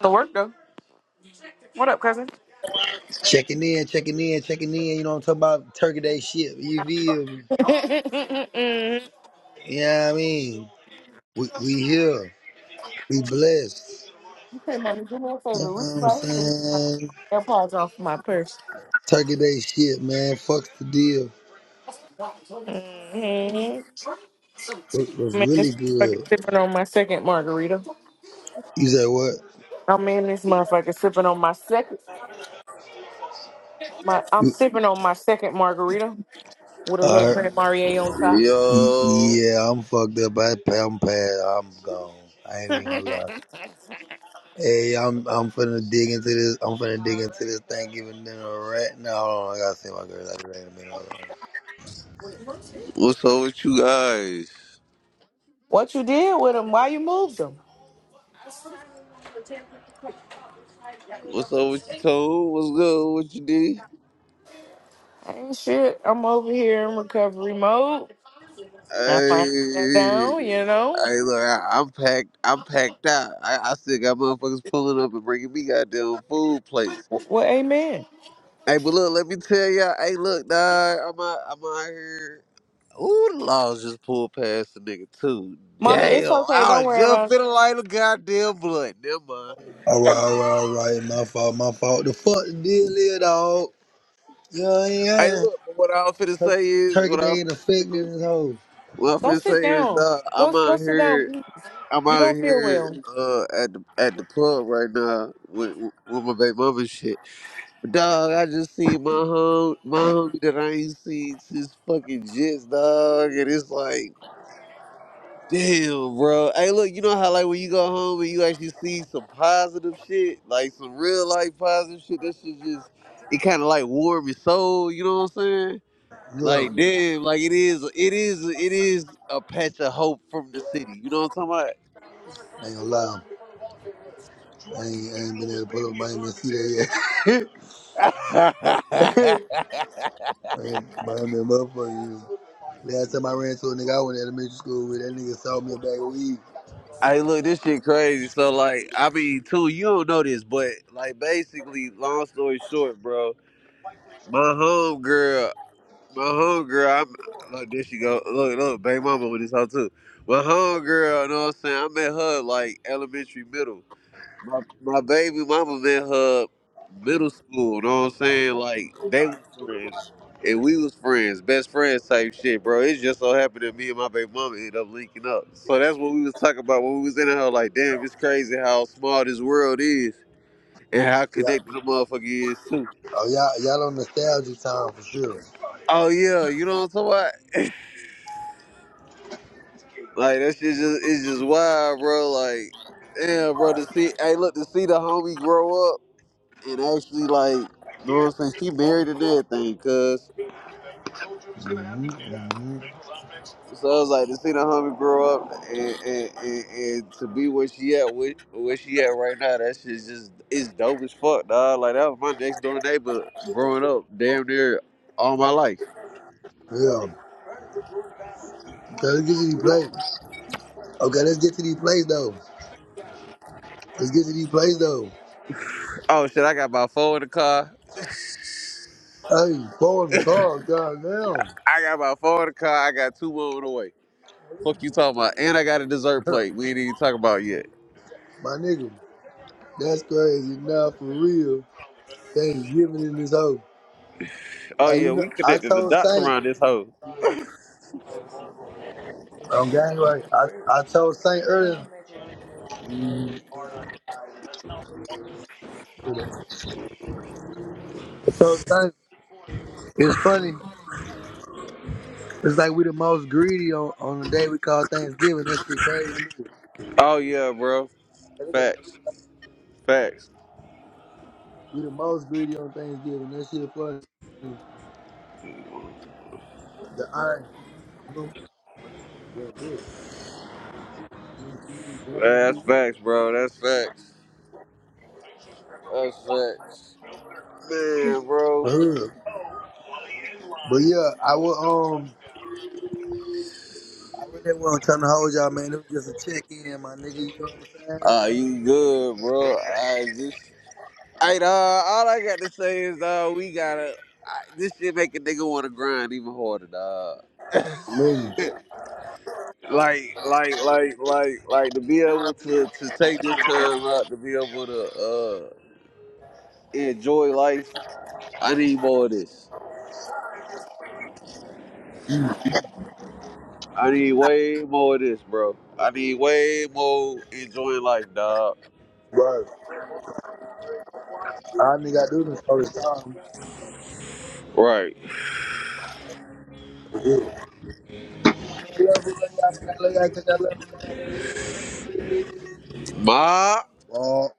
The work though. What up, cousin? Checking in, checking in, checking in. You know what I'm talking about? Turkey Day shit. You feel me? Yeah, I mean? We, we here. We blessed. Okay, mommy, do me a You know favor. Reach what I'm right here. and get saying? my AirPods off my purse. Turkey Day shit, man. Fuck the deal. Mm-hmm. Was, was I mean, this really motherfucker good. sipping on my second margarita. You said what? I mean, this motherfucker sipping on my second. My I'm You, sipping on my second margarita with a I little heard- Grand Marnier on top. y- Yo, yeah, I'm fucked up. I, I'm past. I'm gone. I ain't even gonna lie. Hey, I'm I'm finna dig into this. I'm finna dig into this Thanksgiving dinner right now. Hold on, I gotta see my girl. I'll be back in a minute. Hold on. what's up with you guys? What you did with them? Why you moved them? What's up with you, Toad? What's good? What you do? Ain't shit. I'm over here in recovery mode. I finally sat down. You know. Hey, hey, look, I, I'm packed. I'm packed out. I, I still got motherfuckers pulling up and bringing me goddamn food plates. Well, amen. Hey, but look, let me tell y'all. Hey, look, dog, I'm out. I'm out here. Ooh, the laws just pulled past the nigga too. Mommy, it's Damn, okay. I Don't was worry just about it. finna light a goddamn blunt. Never mind. All right, all right, all right. My fault, my fault. The fuck the deal is, dog. You know what I Hey, mean? look, but what I'm finna Tur- say is, Turkey what I'm Day ain't finna say affecting is. this hoe. What I'm Go finna say sit is, down. dog, I'm Go go out sit down. here, I'm You out don't feel here well. uh, at the at the pub right now with with my baby mama and shit. But dog, I just seen my home, my homie that I ain't seen since fucking Jets, dog, and it's like, damn, bro. Hey, look, you know how like when you go home and you actually see some positive shit, like some real life positive shit. That shit just, it kind of like warm your soul. You know what I'm saying? Yeah, Like damn, like it is, it is, it is a patch of hope from the city. You know what I ain't gonna lie. I ain't, I ain't been able to pull up. I ain't been see that yet. I'm talking about? I ain't been motherfucker. Last time I ran to a nigga I went to elementary school with, that nigga sold me a bag of weed. hey, look, this shit crazy. So like, I mean, too, you don't know this, but like, basically, long story short, bro, my home girl, my home girl, I'm look, there she go. Look, look, bang mama with this hoe too. My home girl, you know what I'm saying? I met her like elementary, middle. my, my baby mama met her middle school. Know what I'm saying? Like they was friends, and we was friends, best friends type shit, bro. It just so happened that me and my baby mama ended up linking up. So that's what we was talking about when we was in there. Like, damn, it's crazy how small this world is and how Yeah. connected the motherfucker is too. Oh, y'all, y'all on nostalgia time for sure. Oh yeah, you know what I'm talking about? Like that shit just it's just wild, bro. Like, damn, bro. To see, hey, look, to see the homie grow up. and actually like you know what I'm saying she married and everything cuz hmm hmm so I was like to see the homie grow up and and, and, and to be where she at with where she at right now that shit's just it's dope as fuck dog like that was my next door neighbor growing up damn near all my life Yeah. Okay, let's get to these plays. Okay, let's get to these plays, though. Let's get to these plays, though. oh shit I got about four in the car Hey, four in the car, goddamn. I got about four in the car I got two more on the way fuck you talking about and I got a dessert plate we ain't even talk about yet My nigga, that's crazy. Now for real, Thanksgiving ain't giving in this hoe. oh Hey, yeah you know, we I connected the told dots Saint, around this hoe I'm gang right. I, I told Saint earlier. I told Saint, it's funny. It's like we the most greedy on, on the day we call Thanksgiving. That shit crazy. That oh yeah bro nigga facts like facts We the most greedy on Thanksgiving. That shit funny. The iron. You're a bitch. You don't see me with That's facts, bro. That's facts. That's facts. Man, bro. Uh-huh. But yeah, I will. Um, I really wasn't trying to hold y'all, man. It was just a check in, my nigga. You know what I'm saying? Uh, you good, bro. I just. Hey, uh, all I got to say is, uh, we gotta. I, this shit make a nigga wanna grind even harder, dog. Man, like, like, like, like, like to be able to to take this time out to be able to uh enjoy life. I need more of this. I need way more of this, bro. I need way more enjoying life, dog. right. All I nigga gotta do this all the time. Right. Yeah. I love you, love y'all, man. I love y'all 'cause y'all love me. Y'all do it Ma. 100.